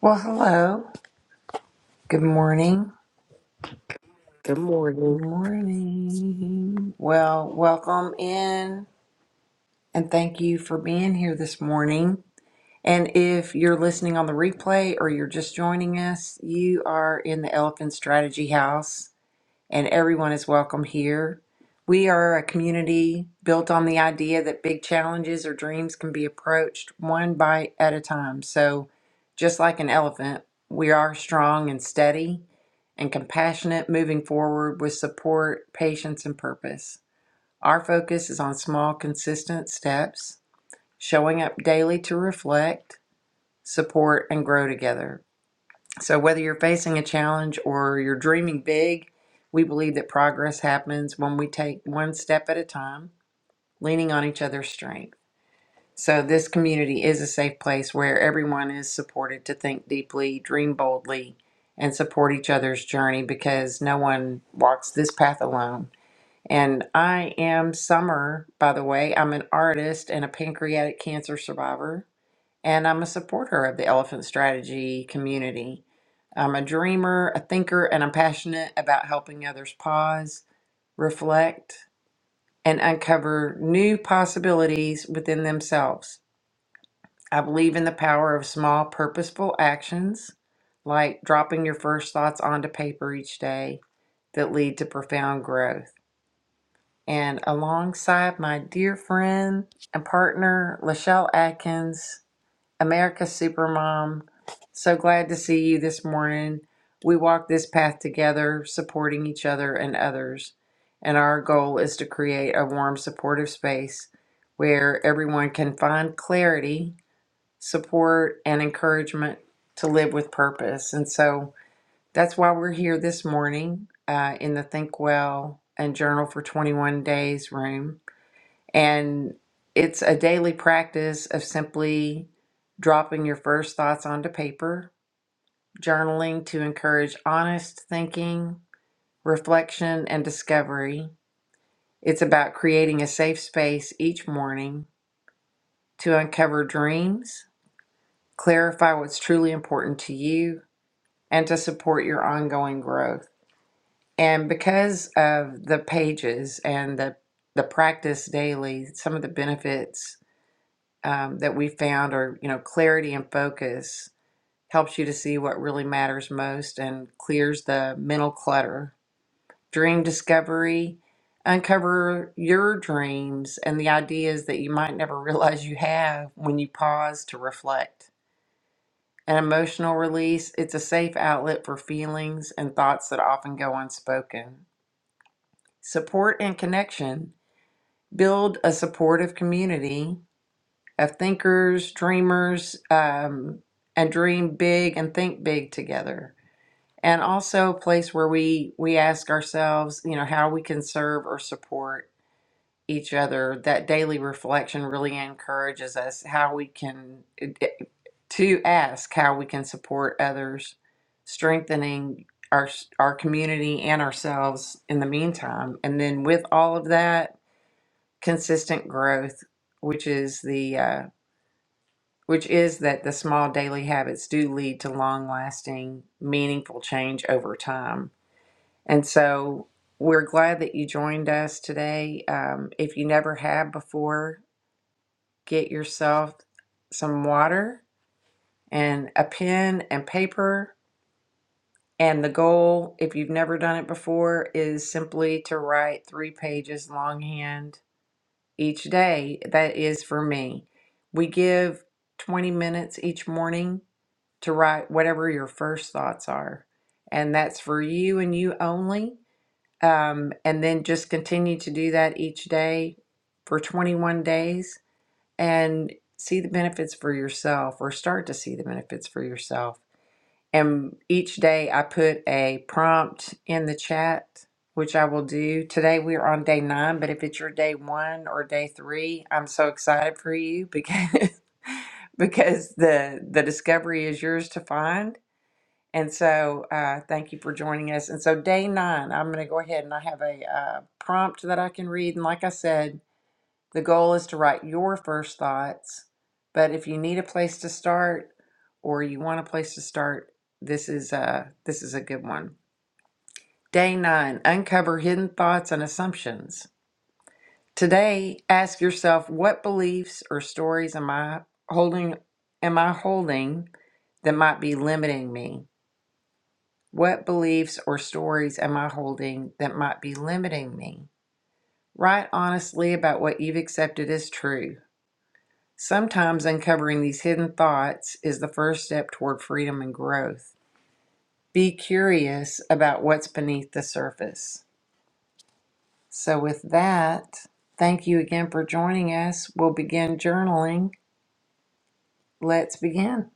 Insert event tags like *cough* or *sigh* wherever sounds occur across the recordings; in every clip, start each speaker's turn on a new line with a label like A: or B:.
A: Well, hello. Good morning.
B: Good
A: Good
B: morning.
A: morning. Well, welcome in and thank you for being here this morning. And if you're listening on the replay or you're just joining us, you are in the Elephant Strategy House. and everyone is welcome here. We are a community built on the idea that big challenges or dreams can be approached one bite at a time. So, just like an elephant, we are strong and steady and compassionate moving forward with support, patience, and purpose. Our focus is on small, consistent steps, showing up daily to reflect, support, and grow together. So, whether you're facing a challenge or you're dreaming big, we believe that progress happens when we take one step at a time, leaning on each other's strength. So, this community is a safe place where everyone is supported to think deeply, dream boldly, and support each other's journey because no one walks this path alone. And I am Summer, by the way. I'm an artist and a pancreatic cancer survivor and I'm a supporter of the elephant strategy community. I'm a dreamer, a thinker, and I'm passionate about helping others pause, reflect, and uncover new possibilities within themselves. I believe in the power of small, purposeful actions, like dropping your first thoughts onto paper each day, that lead to profound growth. And alongside my dear friend and partner, Lachelle Atkins, America Supermom. So glad to see you this morning. We walk this path together, supporting each other and others. And our goal is to create a warm, supportive space where everyone can find clarity, support, and encouragement to live with purpose. And so that's why we're here this morning uh, in the Think Well and Journal for 21 Days room. And it's a daily practice of simply dropping your first thoughts onto paper, journaling to encourage honest thinking, reflection, and discovery. It's about creating a safe space each morning to uncover dreams, clarify what's truly important to you, and to support your ongoing growth. And because of the pages and the the practice daily, some of the benefits um, that we found are, you know, clarity and focus helps you to see what really matters most and clears the mental clutter. Dream discovery, uncover your dreams and the ideas that you might never *laughs* realize you have when you pause to reflect. An emotional release, it's a safe outlet for feelings and thoughts that often go unspoken. Support and connection, build a supportive community of thinkers, dreamers, um, and dream big and think big together. And also a place where we we ask ourselves, you know, how we can serve or support each other. That daily reflection really encourages us how we can to ask how we can support others, strengthening our our community and ourselves in the meantime. And then with all of that, consistent growth, which is the uh, which is that the small daily habits do lead to long lasting, meaningful change over time. And so we're glad that you joined us today. Um, if you never have before, get yourself some water and a pen and paper. And the goal, if you've never done it before, is simply to write three pages longhand each day. That is for me. We give 20 minutes each morning to write whatever your first thoughts are. And that's for you and you only. Um, and then just continue to do that each day for 21 days and see the benefits for yourself or start to see the benefits for yourself. And each day I put a prompt in the chat, which I will do. Today we are on day nine, but if it's your day one or day three, I'm so excited for you because *laughs* because the the discovery is yours to find and so, uh, thank you for joining us. And so, day nine, I'm going to go ahead and I have a uh, prompt that I can read. And like I said, the goal is to write your first thoughts. But if you need a place to start, or you want a place to start, this is a this is a good one. Day nine: uncover hidden thoughts and assumptions. Today, ask yourself what beliefs or stories am I holding? Am I holding that might be limiting me? What beliefs or stories am I holding that might be limiting me? Write honestly about what you've accepted as true. Sometimes uncovering these hidden thoughts is the first step toward freedom and growth. Be curious about what's beneath the surface. So, with that, thank you again for joining us. We'll begin journaling. Let's begin.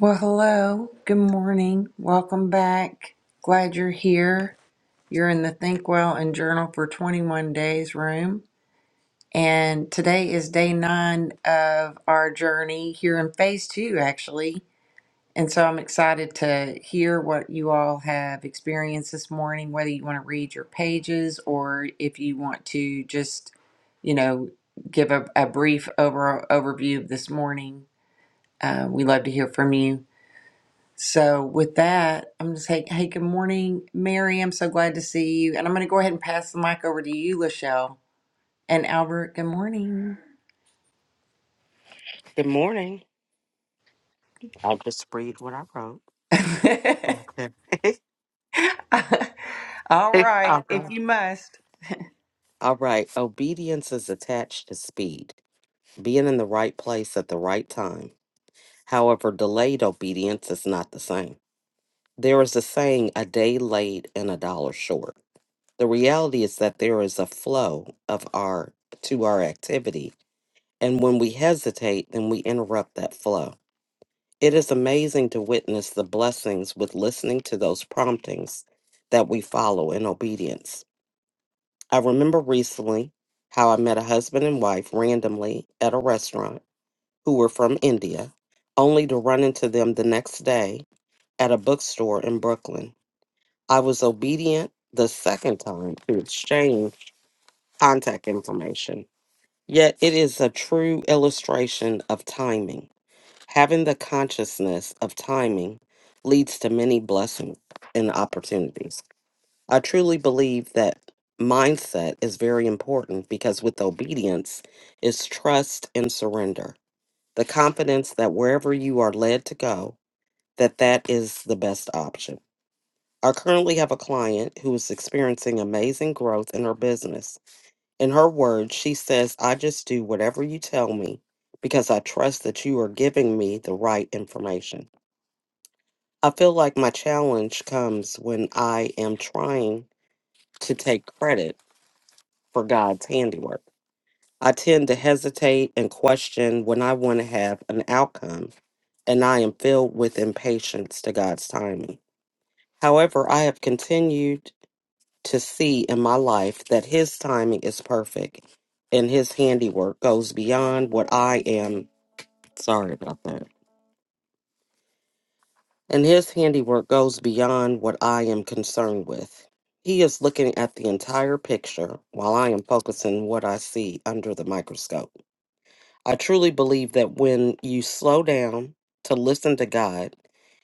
A: Well, hello. Good morning. Welcome back. Glad you're here. You're in the Think Well and Journal for 21 Days room. And today is day nine of our journey here in phase two, actually. And so I'm excited to hear what you all have experienced this morning, whether you want to read your pages or if you want to just, you know, give a, a brief over, overview of this morning. Uh, we love to hear from you. So with that, I'm just hey, hey, good morning, Mary. I'm so glad to see you. And I'm going to go ahead and pass the mic over to you, Lachelle. And Albert, good morning.
B: Good morning. I'll just read what I wrote.
A: *laughs*
B: Okay. *laughs*
A: All
B: All
A: right, if
B: right.
A: you must.
B: All right. Obedience is attached to speed, being in the right place at the right time. However, delayed obedience is not the same. There is a saying, a day late and a dollar short. The reality is that there is a flow of our to our activity. And when we hesitate, then we interrupt that flow. It is amazing to witness the blessings with listening to those promptings that we follow in obedience. I remember recently how I met a husband and wife randomly at a restaurant who were from India, only to run into them the next day at a bookstore in Brooklyn. I was obedient the second time to exchange contact information. Yet it is a true illustration of timing. Having the consciousness of timing leads to many blessings and opportunities. I truly believe that mindset is very important because with obedience is trust and surrender. The confidence that wherever you are led to go, that that is the best option. I currently have a client who is experiencing amazing growth in her business. In her words, she says, "I just do whatever you tell me because I trust that you are giving me the right information." I feel like my challenge comes when I am trying to take credit for God's handiwork. I tend to hesitate and question when I want to have an outcome, and I am filled with impatience to God's timing. However, I have continued to see in my life that His timing is perfect and His handiwork goes beyond what I am. Sorry about that and his handiwork goes beyond what I am concerned with. He is looking at the entire picture while I am focusing what I see under the microscope. I truly believe that when you slow down to listen to God,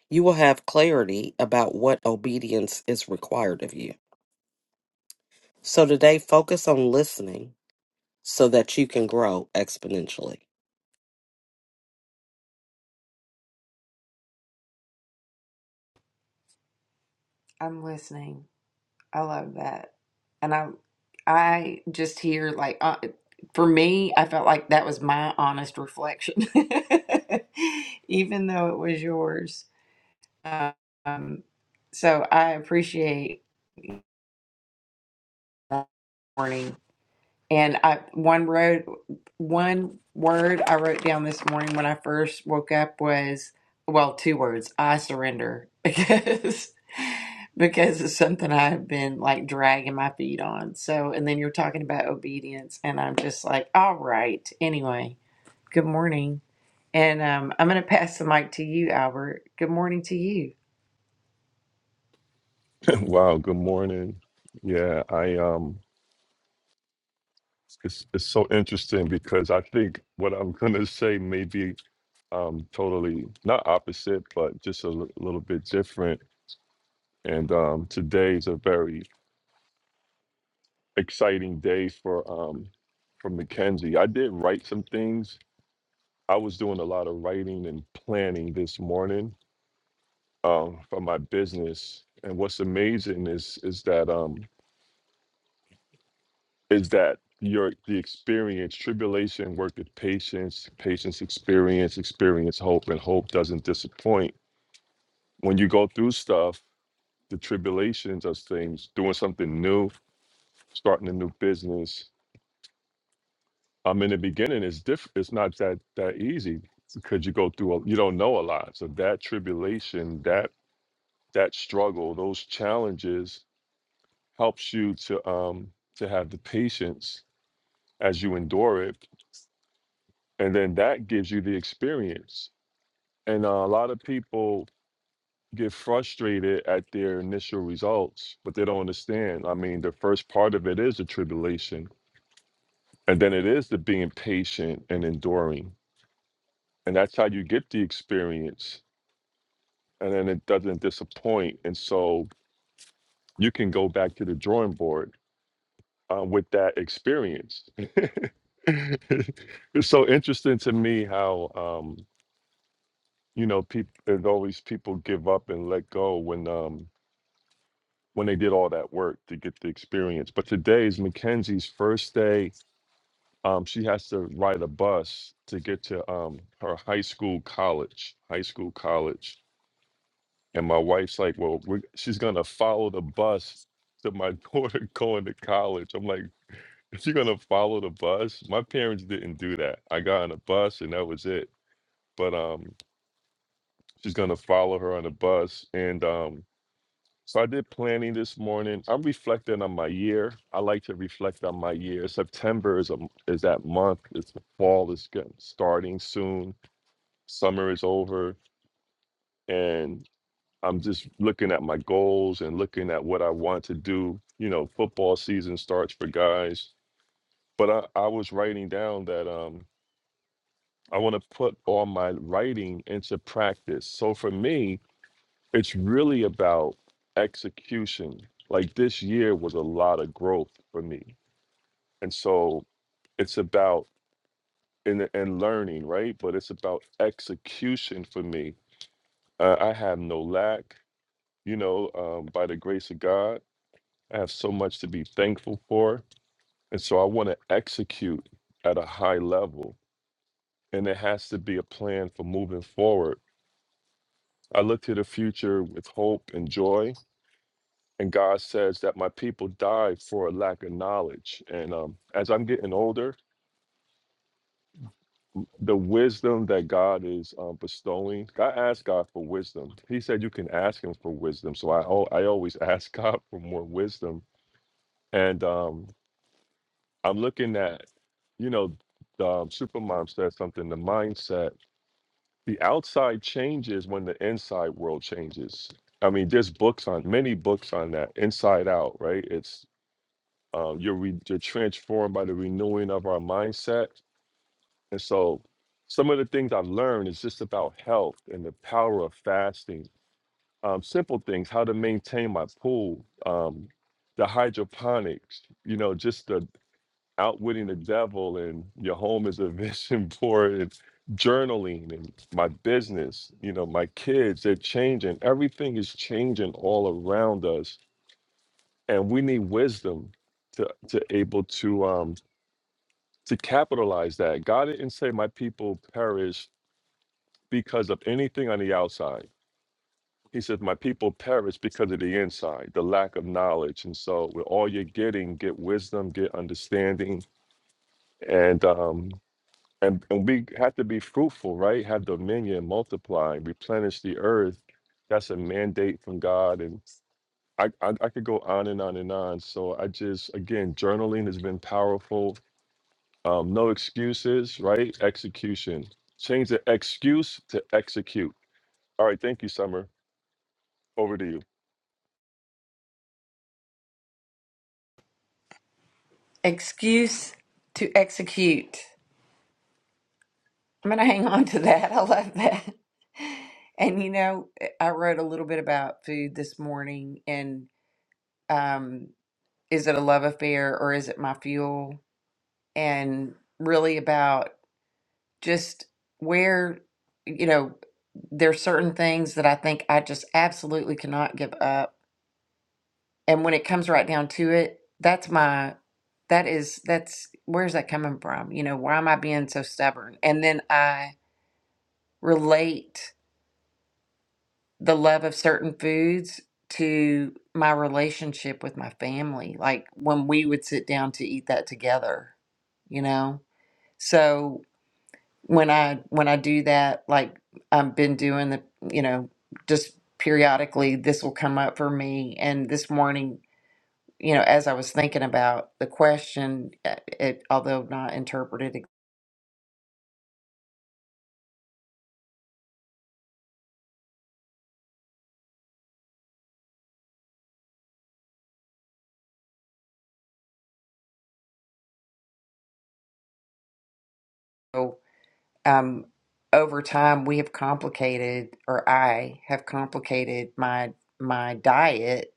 B: you will have clarity about what obedience is required of you. So today, focus on listening so that you can grow exponentially.
A: I'm listening. I love that. And I I just hear like uh, for me, I felt like that was my honest reflection. *laughs* Even though it was yours. Um, so I appreciate warning. And I one road one word I wrote down this morning when I first woke up was well, two words, I surrender *laughs* because because it's something I've been like dragging my feet on. So and then you're talking about obedience and I'm just like, all right. Anyway, good morning. And um, I'm gonna pass the mic to you, Albert. Good morning to you.
C: Wow, good morning. Yeah, I um it's it's so interesting because I think what I'm gonna say may be um totally not opposite, but just a li- little bit different. And um today's a very exciting day for um for Mackenzie. I did write some things. I was doing a lot of writing and planning this morning um for my business. And what's amazing is is that um is that your the experience tribulation worketh patience patience experience experience hope and hope doesn't disappoint when you go through stuff the tribulations of things doing something new starting a new business i in the beginning It's different it's not that that easy because you go through a, you don't know a lot so that tribulation that that struggle those challenges helps you to um to have the patience as you endure it and then that gives you the experience. And uh, a lot of people get frustrated at their initial results, but they don't understand. I mean, the first part of it is the tribulation, and then it is the being patient and enduring, and that's how you get the experience. And then it doesn't disappoint, and so you can go back to the drawing board uh, with that experience. *laughs* it's so interesting to me how um, you know people. There's always people give up and let go when um, when they did all that work to get the experience. But today is Mackenzie's first day. Um, she has to ride a bus to get to um, her high school college, high school college. And my wife's like, well, we're, she's going to follow the bus to my *laughs* daughter going to college. I'm like, you going to follow the bus? My parents didn't do that. I got on a bus and that was it. But um, she's going to follow her on a bus. And um, So I did planning this morning. I'm reflecting on my year. I like to reflect on my year. September is a is that month. It's the fall is getting starting soon. Summer is over, and I'm just looking at my goals and looking at what I want to do. You know, football season starts for guys, but I, I was writing down that um I want to put all my writing into practice. So for me, it's really about execution. Like this year was a lot of growth for me. And so it's about and and learning, right? But it's about execution for me. Uh, I have no lack, you know, um, by the grace of God. I have so much to be thankful for. And so I want to execute at a high level. And there has to be a plan for moving forward. I look to the future with hope and joy and God says that my people die for a lack of knowledge. And um, as I'm getting older, the wisdom that God is um, bestowing, I asked God for wisdom. He said you can ask Him for wisdom, so I al- I always *laughs* ask God for more wisdom. And um, I'm looking at, you know, the, um, Supermom said something. The mindset, the outside changes when the inside world changes. I mean, there's books on many books on that, Inside Out, right? It's um, you're re- you're transformed by the renewing of our mindset. And so, some of the things I've learned is just about health and the power of fasting. Um, simple things, how to maintain my pool, um, the hydroponics. You know, just the outwitting the devil, and your home is a *laughs* vision board, and journaling, and my business. You know, my kids, they're changing. Everything is changing all around us, and we need wisdom to to able to um to capitalize that. God didn't say, My people perish because of anything on the outside. He said My people perish because of the inside, the lack of knowledge. And so, with all you're getting, get wisdom, get understanding. And, um, and, and we have to be fruitful, right? Have dominion, multiply, replenish the earth. That's a mandate from God. And I, I, I could go on and on and on. So I just, again, journaling has been powerful Um, no excuses, right? Execution. Change the excuse to execute. All right, thank you, Summer. Over to you.
A: Excuse to execute. I'm going to hang on to that. *laughs* I love that. And you know, eh, I wrote a little bit about food this morning and um, is it a love affair or is it my fuel? And really about just where, you know, there's certain things that I think I just absolutely cannot give up. And when it comes right down to it, that's my that is that's where's that coming from? You know, why am I being so stubborn? And then I relate the love of certain foods to my relationship with my family, like when we would sit down to eat that together, you know? So when I when I do that, like I've been doing the, you know, just periodically this will come up for me and this morning, you know, as I was thinking about the question, uh, it although not interpreted um, over time we have complicated or i have complicated my my diet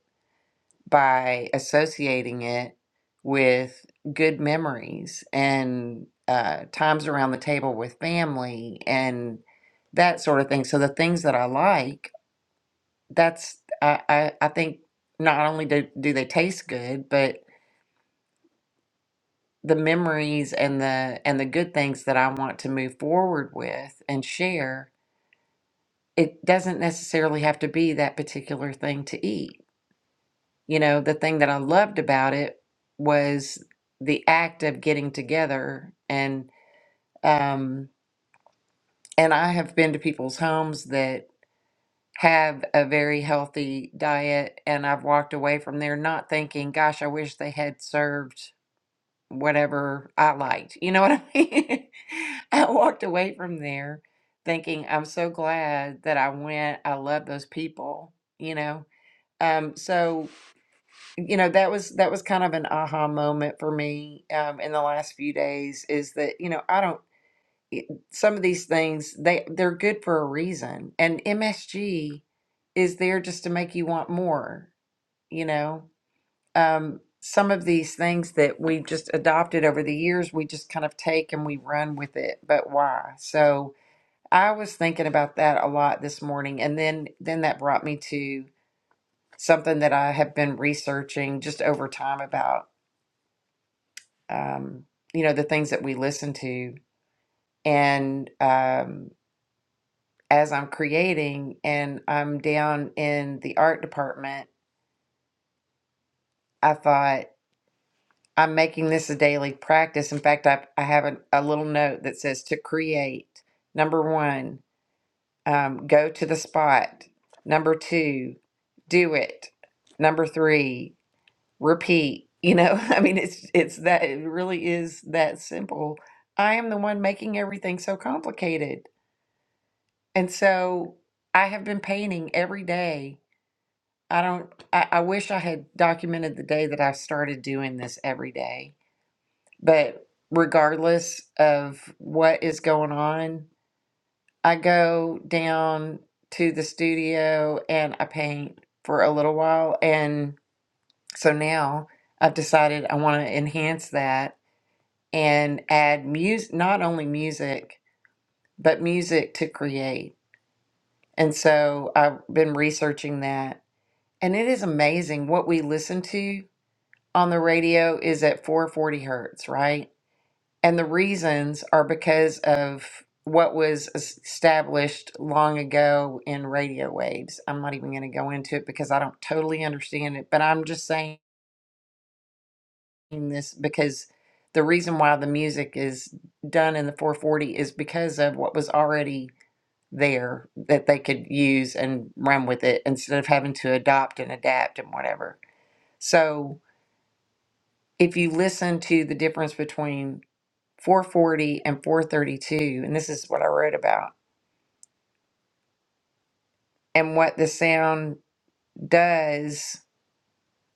A: by associating it with good memories and uh, times around the table with family and that sort of thing so the things that i like that's i i, I think not only do, do they taste good but the memories and the and the good things that i want to move forward with and share it doesn't necessarily have to be that particular thing to eat. You know, the thing that I loved about it was the act of getting together and um and I have been to people's homes that have a very healthy diet and I've walked away from there not thinking, gosh, I wish they had served whatever I liked. You know what I mean? *laughs* I walked away from there thinking, I'm so glad that I went. I love those people, you know Um, so you know that was that was kind of an aha moment for me um, in the last few days is that you know I don't it- some of these things they they're good for a reason and MSG is there just to make you want more you know um, some of these things that we've just adopted over the years we just kind of take and we run with it but why so I was thinking about that a lot this morning and then then that brought me to something that I have been researching just over time about, um, you know, the things that we listen to. And um, as I'm creating and I'm down in the art department, I thought, I'm making this a daily practice. In fact, I, I have a, a little note that says to create. Number one, um, go to the spot. Number two, do it. Number three, repeat you know *laughs* i mean it's it's that it really is that simple i am the one making everything so complicated and so i have been painting every day i don't i, I wish i had documented the day that i started doing this every day but regardless of what is going on i go down to the studio and i paint for a little while and so now i've decided i want to enhance that and add music, not only music, but music to create. And so I've been researching that. And it is amazing what we listen to on the radio is at 440 hertz, right? And the reasons are because of what was established long ago in radio waves. I'm not even going to go into it because I don't totally understand it, but I'm just saying in this because the reason why the music is done in the 440 is because of what was already there that they could use and run with it instead of having to adopt and adapt and whatever. So if you listen to the difference between 440 and 432, and this is what I wrote about, and what the sound does,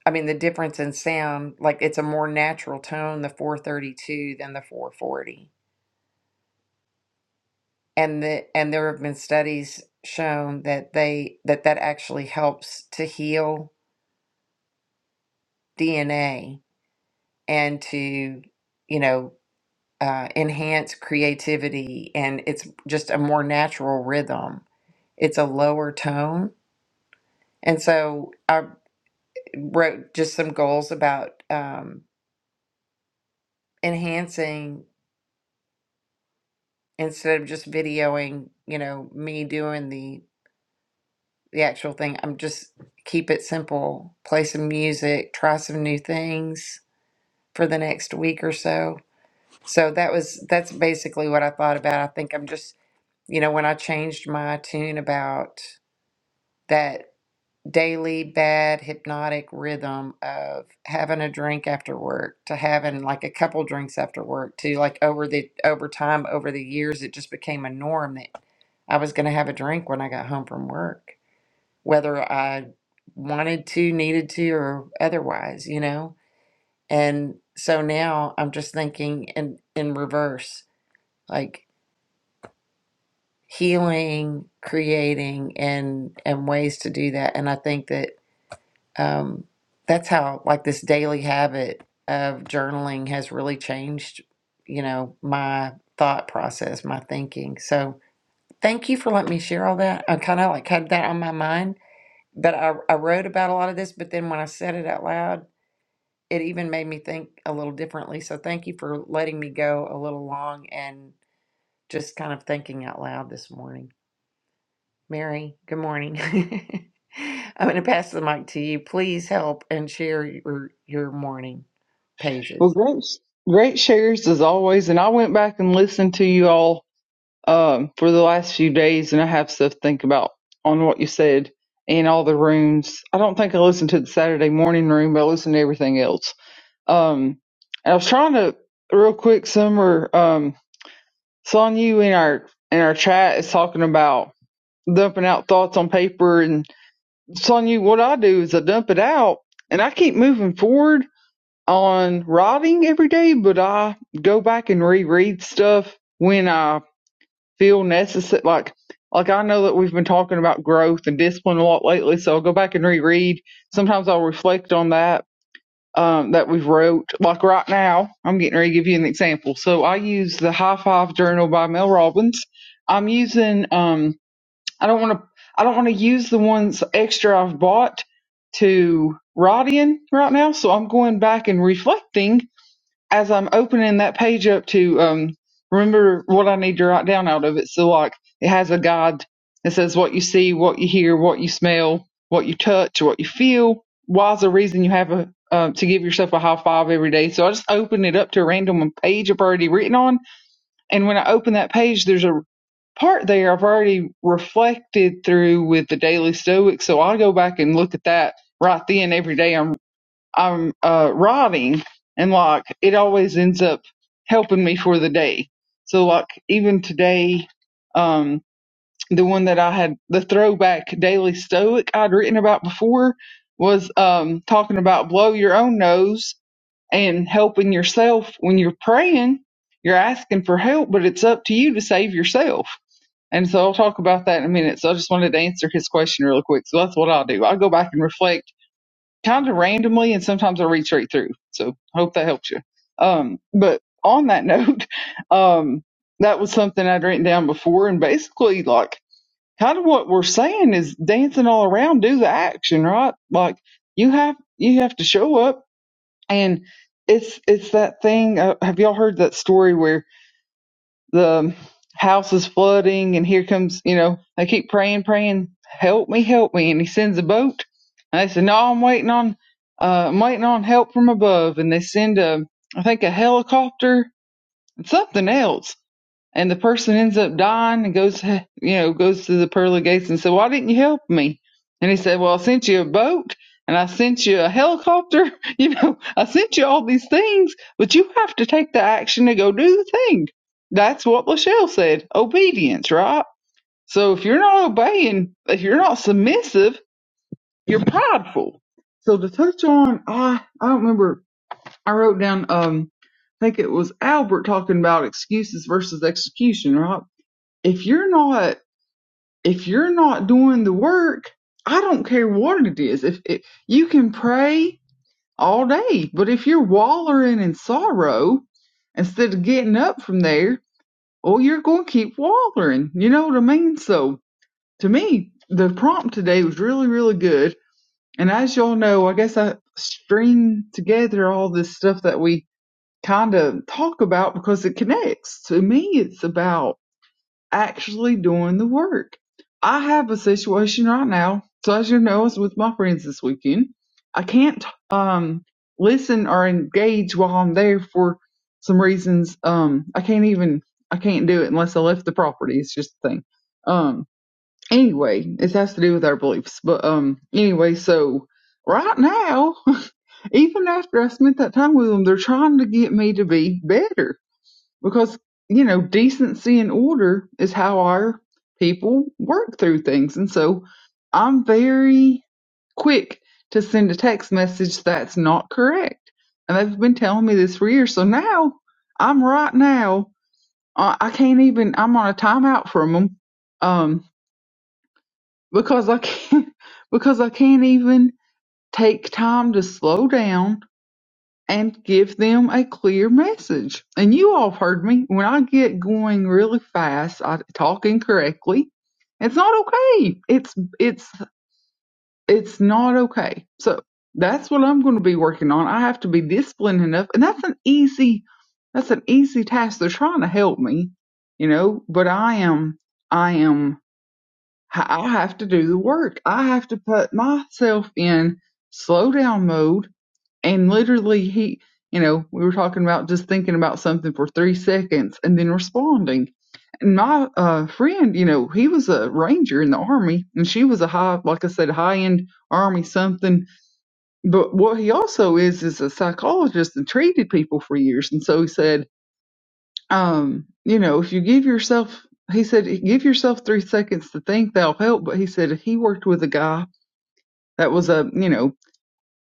A: I mean, the difference in sound, like it's a more natural tone, the 432 than the 440 and the and there have been studies shown that they that that actually helps to heal DNA and to you know uh, enhance creativity and it's just a more natural rhythm. It's a lower tone, and so I wrote just some goals about um, enhancing instead of just videoing you know me doing the the actual thing. I'm just keep it simple, play some music, try some new things for the next week or so. So that was that's basically what I thought about. I think I'm just, you know, when I changed my tune about that daily bad hypnotic rhythm of having a drink after work to having like a couple drinks after work to like over the over time over the years it just became a norm that I was going to have a drink when I got home from work whether I wanted to, needed to, or otherwise, you know? And so now I'm just thinking in, in reverse, like healing, creating and and ways to do that. And I think that um that's how like this daily habit of journaling has really changed, you know, my thought process, my thinking. So thank you for letting me share all that. I kind of like had that on my mind but I, I wrote about a lot of this, but then when I said it out loud, it even made me think a little differently. So thank you for letting me go a little long and just kind of thinking out loud this morning. Mary, good morning. *laughs* I'm going to pass the mic to you. Please help and share your your morning
D: Well,
A: pages.
D: great, great shares as always. And I went back and listened to you all um, for the last few days, and I have stuff to think about on what you said and all the rooms. I don't think I listened to the Saturday morning room, but I listened to everything else. Um, and I was trying to real quick, Summer. Um, Son, you in our in our chat is talking about dumping out thoughts on paper, and Son, you what I do is I dump it out, and I keep moving forward on writing every day, but I go back and reread stuff when I feel necessary. Like, like I know that we've been talking about growth and discipline a lot lately, so I'll go back and reread. Sometimes I'll reflect on that um, that we've wrote. Like right now, I'm getting ready to give you an example. So I use the High Five Journal by Mel Robbins. I'm using. Um, I don't want to. I don't want to use the ones extra I've bought to write in right now, so I'm going back and reflecting as I'm opening that page up to um, remember what I need to write down out of it. So, like, it has a guide that says what you see, what you hear, what you smell, what you touch, what you feel. Why's the reason you have a, um, to give yourself a high five every day? So I just open it up to a random page I've already written on. And when I open that page, there's a part there I've already reflected through with the Daily Stoic. So I go back and look at that right then every day. I'm I'm uh, writing and like it always ends up helping me for the day. So like even today, um, the one that I had the throwback daily stoic I'd written about before was um talking about blow your own nose and helping yourself when you're praying. You're asking for help, but it's up to you to save yourself. And so I'll talk about that in a minute. So I just wanted to answer his question real quick. So that's what I'll do. I'll go back and reflect kind of randomly and sometimes I read straight through. So hope that helps you. Um, but on that *laughs* note, um, that was something I'd written down before and basically like kind of what we're saying is dancing all around, do the action, right? Like you have, you have to show up and it's, it's that thing. Uh, have y'all heard that story where the house is flooding and here comes, you know, they keep praying, praying, help me, help me. And he sends a boat. And they said, no, I'm waiting on, uh, I'm waiting on help from above. And they send a, I think a helicopter and something else and the person ends up dying and goes, you know, goes to the pearly gates and said, "Why didn't you help me?" And he said, "Well, I sent you a boat and I sent you a helicopter. *laughs* You know, I sent you all these things, but you have to take the action to go do the thing." That's what Lachelle said. Obedience, right? So if you're not obeying, if you're not submissive, you're prideful. So to touch on, I I don't remember. I wrote down, um, I think it was Albert talking about excuses versus execution, right? if you're not if you're not doing the work i don't care what it is if it, you can pray all day but if you're wallowing in sorrow instead of getting up from there well you're going to keep wallowing you know what i mean so to me the prompt today was really really good and as y'all know i guess i string together all this stuff that we kind of talk about because it connects to me it's about actually doing the work. I have a situation right now. So as you know, I was with my friends this weekend. I can't um listen or engage while I'm there for some reasons. Um I can't even I can't do it unless I left the property. It's just a thing. Um anyway, it has to do with our beliefs. But um anyway, so right now, *laughs* even after I spent that time with them, they're trying to get me to be better because you know decency and order is how our people work through things and so i'm very quick to send a text message that's not correct and they've been telling me this for years so now i'm right now uh, i can't even i'm on a timeout from them um, because i can't *laughs* because i can't even take time to slow down and give them a clear message. And you all have heard me. When I get going really fast, I talk incorrectly. It's not okay. It's it's it's not okay. So that's what I'm going to be working on. I have to be disciplined enough, and that's an easy that's an easy task. They're trying to help me, you know, but I am I am I have to do the work. I have to put myself in slow down mode and literally he you know we were talking about just thinking about something for three seconds and then responding and my uh friend you know he was a ranger in the army and she was a high like i said high end army something but what he also is is a psychologist and treated people for years and so he said um you know if you give yourself he said give yourself three seconds to think that'll help but he said he worked with a guy that was a you know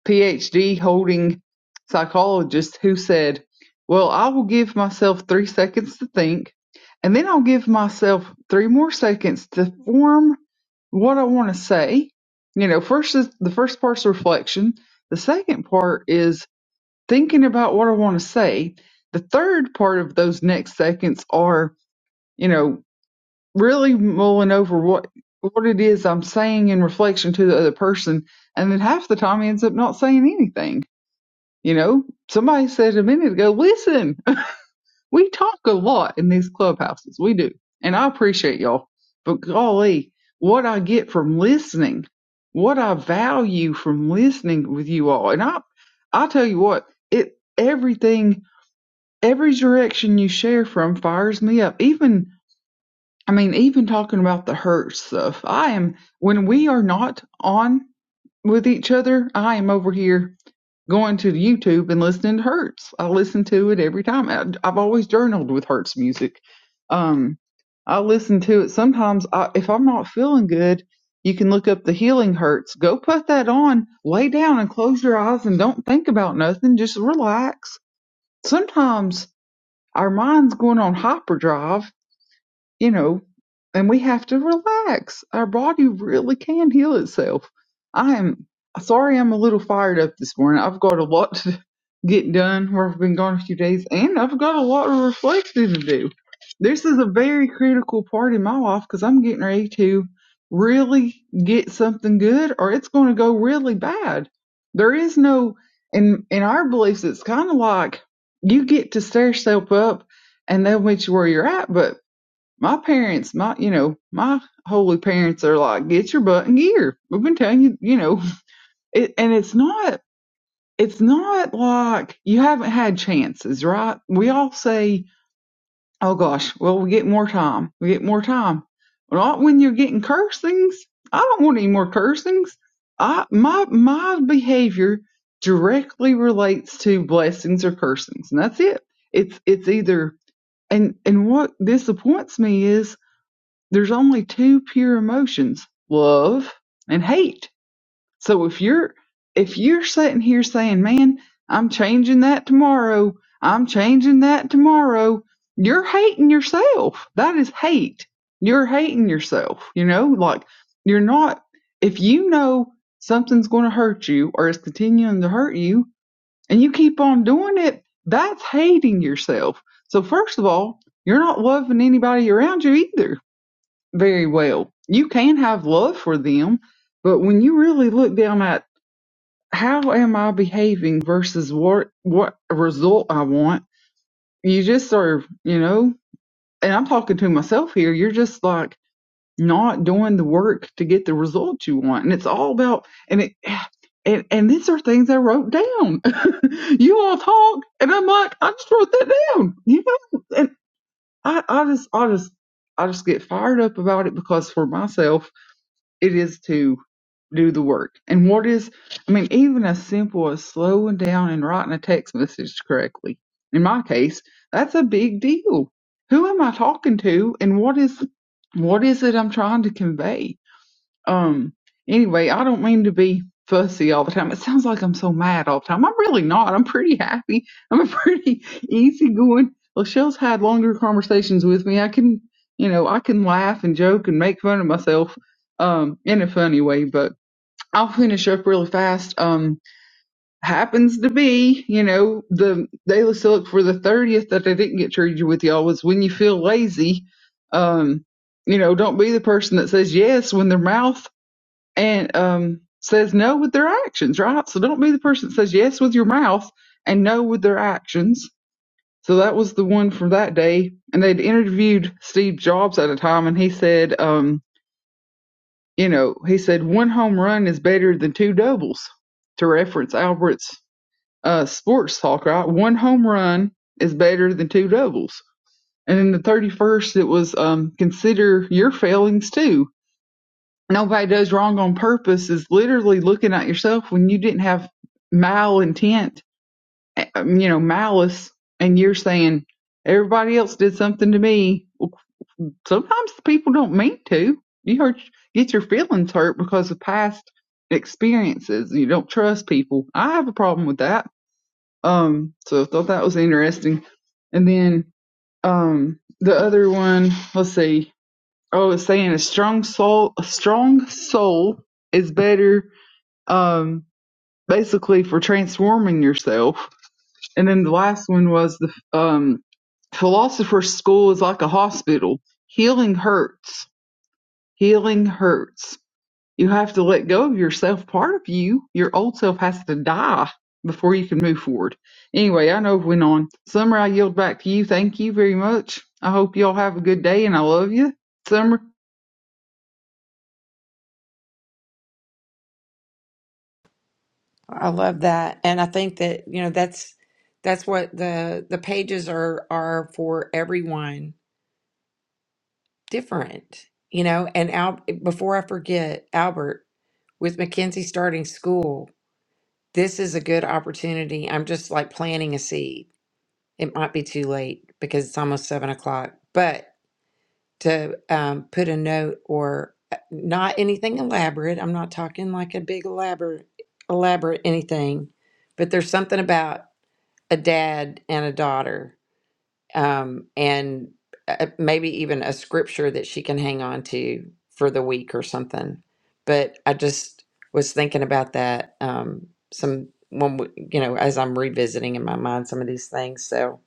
D: PhD holding psychologist who said, Well, I will give myself three seconds to think, and then I'll give myself three more seconds to form what I want to say. You know, first is the first part's reflection. The second part is thinking about what I want to say. The third part of those next seconds are, you know, really mulling over what what it is I'm saying in reflection to the other person. And then half the time he ends up not saying anything you know, somebody said a minute ago, listen, *laughs* we talk a lot in these clubhouses. We do. And I appreciate y'all. But golly, what I get from listening, what I value from listening with you all. And I I tell you what, it everything every direction you share from fires me up. Even I mean, even talking about the hurt stuff. I am when we are not on with each other, I am over here going to YouTube and listening to Hertz. I listen to it every time. I, I've always journaled with Hertz music. Um, I listen to it sometimes. I, if I'm not feeling good, you can look up the Healing Hertz. Go put that on, lay down, and close your eyes and don't think about nothing. Just relax. Sometimes our mind's going on hyperdrive you know, and we have to relax. Our body really can heal itself. I am sorry I'm a little fired up this morning. I've got a lot *laughs* to get done where I've been gone a few days, and I've got a lot of reflecting to do. This is a very critical part in my life because I'm getting ready to really get something good or it's going to go really bad. There is no, in, in our beliefs, it's kind of like you get to stare yourself up and they'll meet you where you're at, but my parents, my you know, my holy parents are like, get your butt in gear. We've been telling you, you know, *laughs* it, and it's not, it's not like you haven't had chances, right? We all say, oh gosh, well we get more time, we get more time. Not when you're getting cursings. I don't want any more cursings. I my my behavior directly relates to blessings or cursings, and that's it. It's it's either and and what disappoints me is there's only two pure emotions, love and hate. So if you're if you're sitting here saying, "Man, I'm changing that tomorrow. I'm changing that tomorrow." You're hating yourself. That is hate. You're hating yourself, you know? Like you're not if you know something's going to hurt you or it's continuing to hurt you and you keep on doing it, that's hating yourself. So first of all, you're not loving anybody around you either very well. You can have love for them, but when you really look down at how am I behaving versus what what result I want, you just are, you know, and I'm talking to myself here, you're just like not doing the work to get the result you want. And it's all about and it *sighs* and, and these are things I wrote down. *laughs* you all talk and I'm like, I just wrote that down. You know? And I, I just I just I just get fired up about it because for myself it is to do the work. And what is, I mean, even as simple as slowing down and writing a text message correctly. In my case, that's a big deal. Who am I talking to and what is, what is it I'm trying to convey? Um, anyway, I don't mean to be fussy all the time. It sounds like I'm so mad all the time. I'm really not. I'm pretty happy. I'm a pretty *laughs* easygoing. Lachelle's had longer conversations with me. I can, you know, I can laugh and joke and make fun of myself, um, in a funny way. But I'll finish up really fast. Um, happens to be, you know, the daily look for the thirtieth that I didn't get treated with y'all was when you feel lazy. Um, you know, don't be the person that says yes when their mouth and um, says no with their actions, right? So don't be the person that says yes with your mouth and no with their actions. So that was the one from that day. And they'd interviewed Steve Jobs at a time, and he said, um, you know, he said one home run is better than two doubles, to reference Albert's uh, sports talk, right? One home run is better than two doubles. And then the 31st, it was um, consider your failings too nobody does wrong on purpose is literally looking at yourself when you didn't have mal intent, eh, um, you know, malice, and you're saying everybody else did something to me. Well, sometimes people don't mean to. You hurt, get your feelings hurt because of past experiences. You don't trust people. I have a problem with that. Um, so I thought that was interesting. And then um, the other one, let's see I was saying a strong soul, a strong soul is better, um, basically for transforming yourself. And then the last one was the um, philosopher's school is like a hospital. Healing hurts. Healing hurts. You have to let go of yourself. Part of you, your old self, has to die before you can move forward. Anyway, I know it went on. Summer, I yield back to you. Thank you very much. I hope y'all have a good day, and I love you. Summer,
A: I love that. And I think that, you know, that's that's what the the pages are are for everyone different, you know. And Al before I forget, Albert. with Mackenzie starting school, this is a good opportunity. I'm just like planting a seed. It might be too late because it's almost seven o'clock, but to um, put a note or uh, not anything elaborate. I'm not talking like a big elaborate, elaborate anything, but there's something about a dad and a daughter um, and uh, maybe even a scripture that she can hang on to for the week or something. But I just was thinking about that um, some when we, you know as I'm revisiting in my mind some of these things. So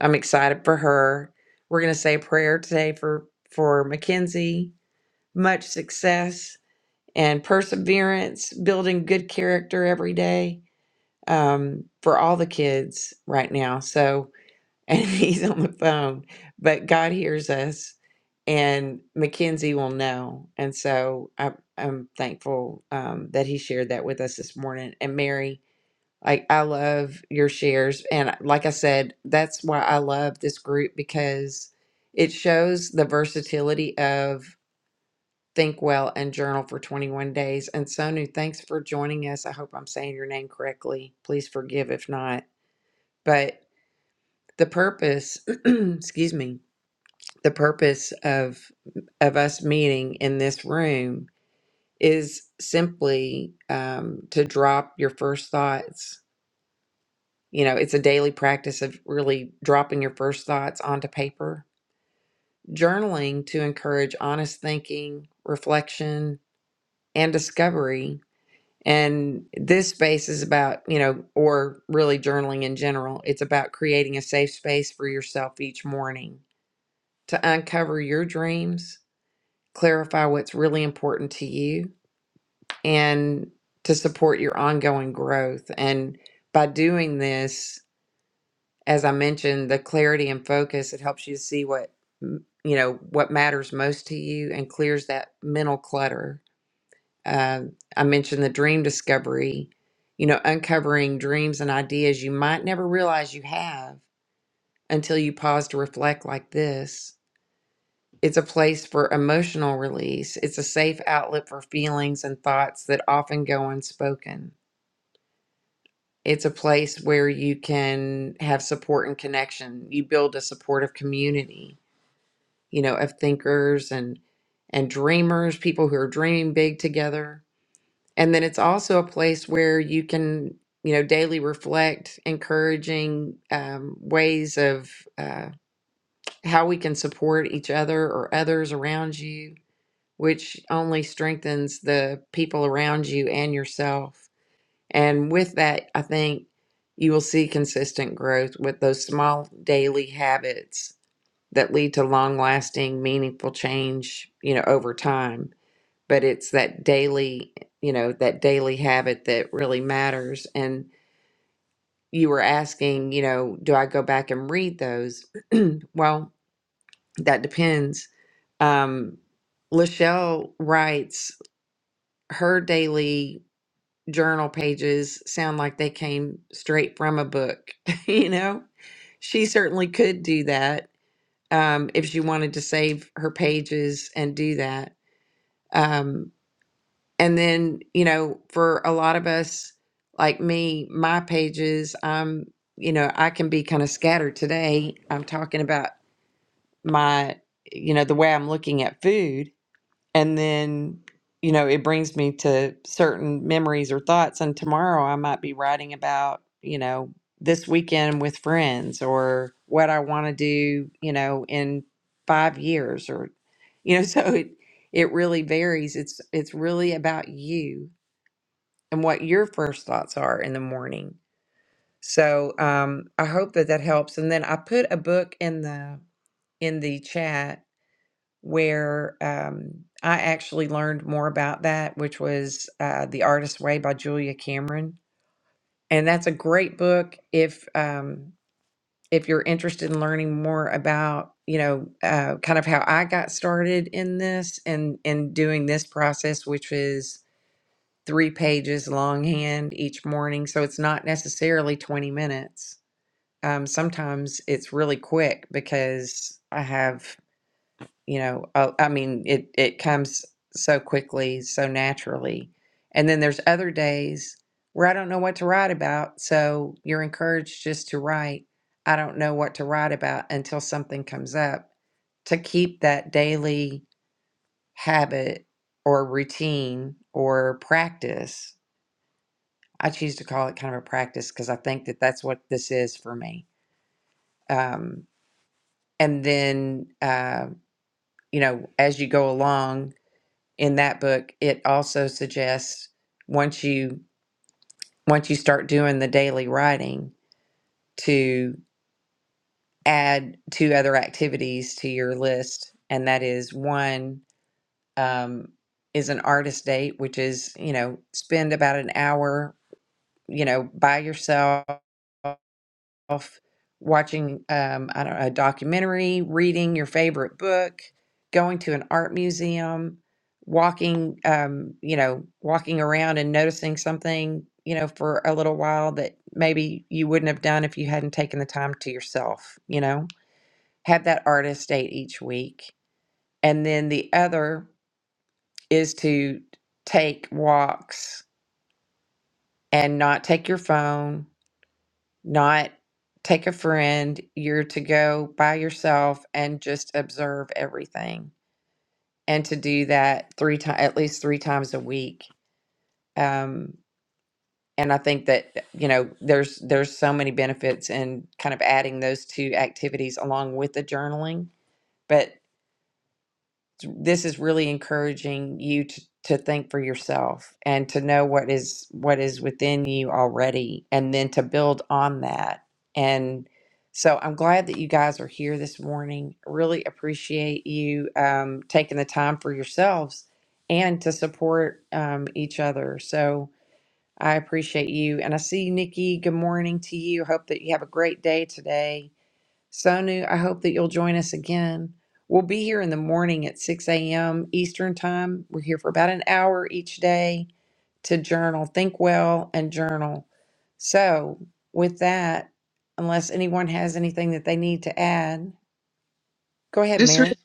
A: I'm excited for her. We're gonna say a prayer today for for Mackenzie. Much success and perseverance, building good character every day um, for all the kids right now. So and *laughs* he's on the phone, but God hears us, and Mackenzie will know. And so I'm, I'm thankful um, that he shared that with us this morning. And Mary, like I love your shares, and like I said, that's why I love this group because it shows the versatility of think well and journal for 21 days. And Sonu, thanks for joining us. I hope I'm saying your name correctly. Please forgive if not, but the purpose, *clears throat* excuse me the purpose of of us meeting in this room is simply um, to drop your first thoughts. You know, it's a daily practice of really dropping your first thoughts onto paper, journaling to encourage honest thinking, reflection, and discovery. And this space is about, you know, or really journaling in general, it's about creating a safe space for yourself each morning to uncover your dreams clarify what's really important to you and to support your ongoing growth. And by doing this, as I mentioned, the clarity and focus, it helps you to see what, mm, you know, what matters most to you and clears that mental clutter. Uh, I mentioned the dream discovery, you know, uncovering dreams and ideas you might never realize you have until you pause to reflect like this. It's a place for emotional release. It's a safe outlet for feelings and thoughts that often go unspoken. It's a place where you can have support and connection. You build a supportive community, you know, of thinkers and and dreamers, people who are dreaming big together. And then it's also a place where you can, you know, daily reflect, encouraging um, ways of uh, how we can support each other or others around you which only strengthens the people around you and yourself. And with that, I think you will see consistent growth with those small daily habits that lead to long lasting, meaningful change, you know, over time. But it's that daily, you know, that daily habit that really matters. And you were asking, you know, do I go back and read those? *clears throat* well, that depends. Um, Lachelle writes her daily journal pages sound like they came straight from a book. *laughs* you know, she certainly could do that um, if she wanted to save her pages and do that. Um, and then, you know, for a lot of us, like me, my pages, I'm, you know, I can be kind of scattered today. I'm talking about my, you know, the way I'm looking at food and then you know it brings me to certain memories or thoughts and tomorrow i might be writing about you know this weekend with friends or what i want to do you know in 5 years or you know *laughs* so it it really varies it's it's really about you and what your first thoughts are in the morning so um i hope that that helps and then i put a book in the in the chat where um, I actually learned more about that, which was uh, The Artist's Way by Julia Cameron. And that's a great book if um, if you're interested in learning more about you know uh, kind of how I got started in this and and doing this process, which is three pages longhand each morning. So it's not necessarily 20 minutes. Um, sometimes it's really quick because I have you know uh, i mean it it comes so quickly so naturally and then there's other days where i don't know what to write about so you're encouraged just to write i don't know what to write about until something comes up to keep that daily habit or routine or practice i choose to call it kind of a practice because i think that that's what this is for me um, and then uh, you know as you go along in that book, it also suggests once you once you start doing the daily writing to add two other activities to your list, and that is one um, is an artist date, which is you know spend about an hour you know by yourself off watching um, I don't know, a documentary, reading your favorite book, going to an art museum, walking um, you know, walking around and noticing something, you know, for a little while that maybe you wouldn't have done if you hadn't taken the time to yourself, you know. Have that artist date each week. And then the other is to take walks and not take your phone not take a friend. You're to go by yourself and just observe everything, and to do that three times, at least three times a week. Um, and I think that you know there's there's so many benefits in kind of adding those two activities along with the journaling. but. this is really encouraging you to, to think for yourself and to know what is what is within you already and then to build on that and so i'm glad that you guys are here this morning really appreciate you um, taking the time for yourselves and to support um, each other so i appreciate you and i see you nikki good morning to you hope that you have a great day today Sonu, I hope that you'll join us again. We'll be here in the morning at 6 a.m. Eastern Time. We're here for about an hour each day to journal, think well, and journal. So, with that, unless anyone has anything that they need to add, go ahead,
D: just
A: Mary.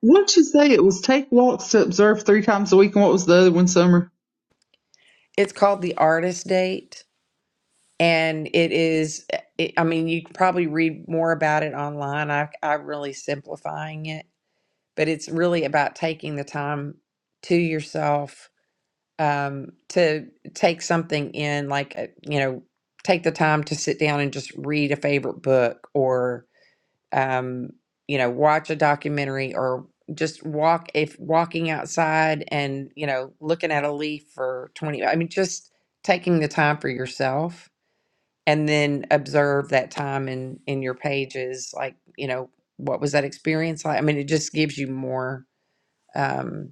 D: What did you say? It was take walks to observe three times a week, and what was the other one? Summer.
A: It's called The Artist Date, and it is, it, I mean, you can probably read more about it online. I, I'm really simplifying it, but it's really about taking the time to yourself um, to take something in, like, uh, you know, take the time to sit down and just read a favorite book or, um, you know, watch a documentary or just walk, if walking outside and, you know, looking at a leaf for 20, I mean, just taking the time for yourself and then observe that time in, in your pages, like, you know, what was that experience like? I mean, it just gives you more. Um,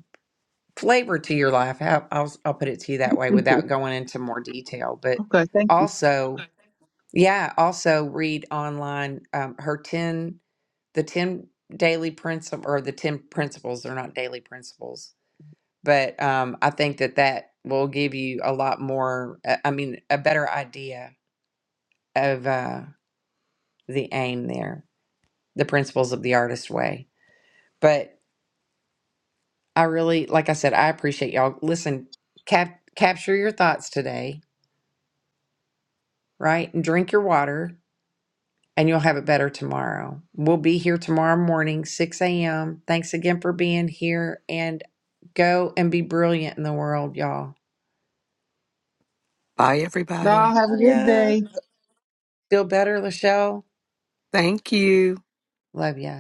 A: flavor to your life. How, I'll I'll put it to you that way
D: *laughs*
A: without going into more detail. But
D: Okay, thank you.
A: also, Okay. yeah, also read online um, her ten the ten daily principle or the ten principles. They're not daily principles, but um, I think that that will give you a lot more. uh, I mean, a better idea of uh, the aim there, the principles of the artist way. But I really, like I said, I appreciate y'all. Listen, cap- capture your thoughts today right? And drink your water, and you'll have it better tomorrow. We'll be here tomorrow morning, 6 a.m. Thanks again for being here. And go and be brilliant in the world, y'all.
B: Bye,
D: Bye.
B: everybody.
D: Have a
A: Love
D: good
A: ya.
D: day.
A: Feel better, Lachelle?
B: Thank you.
A: Love ya.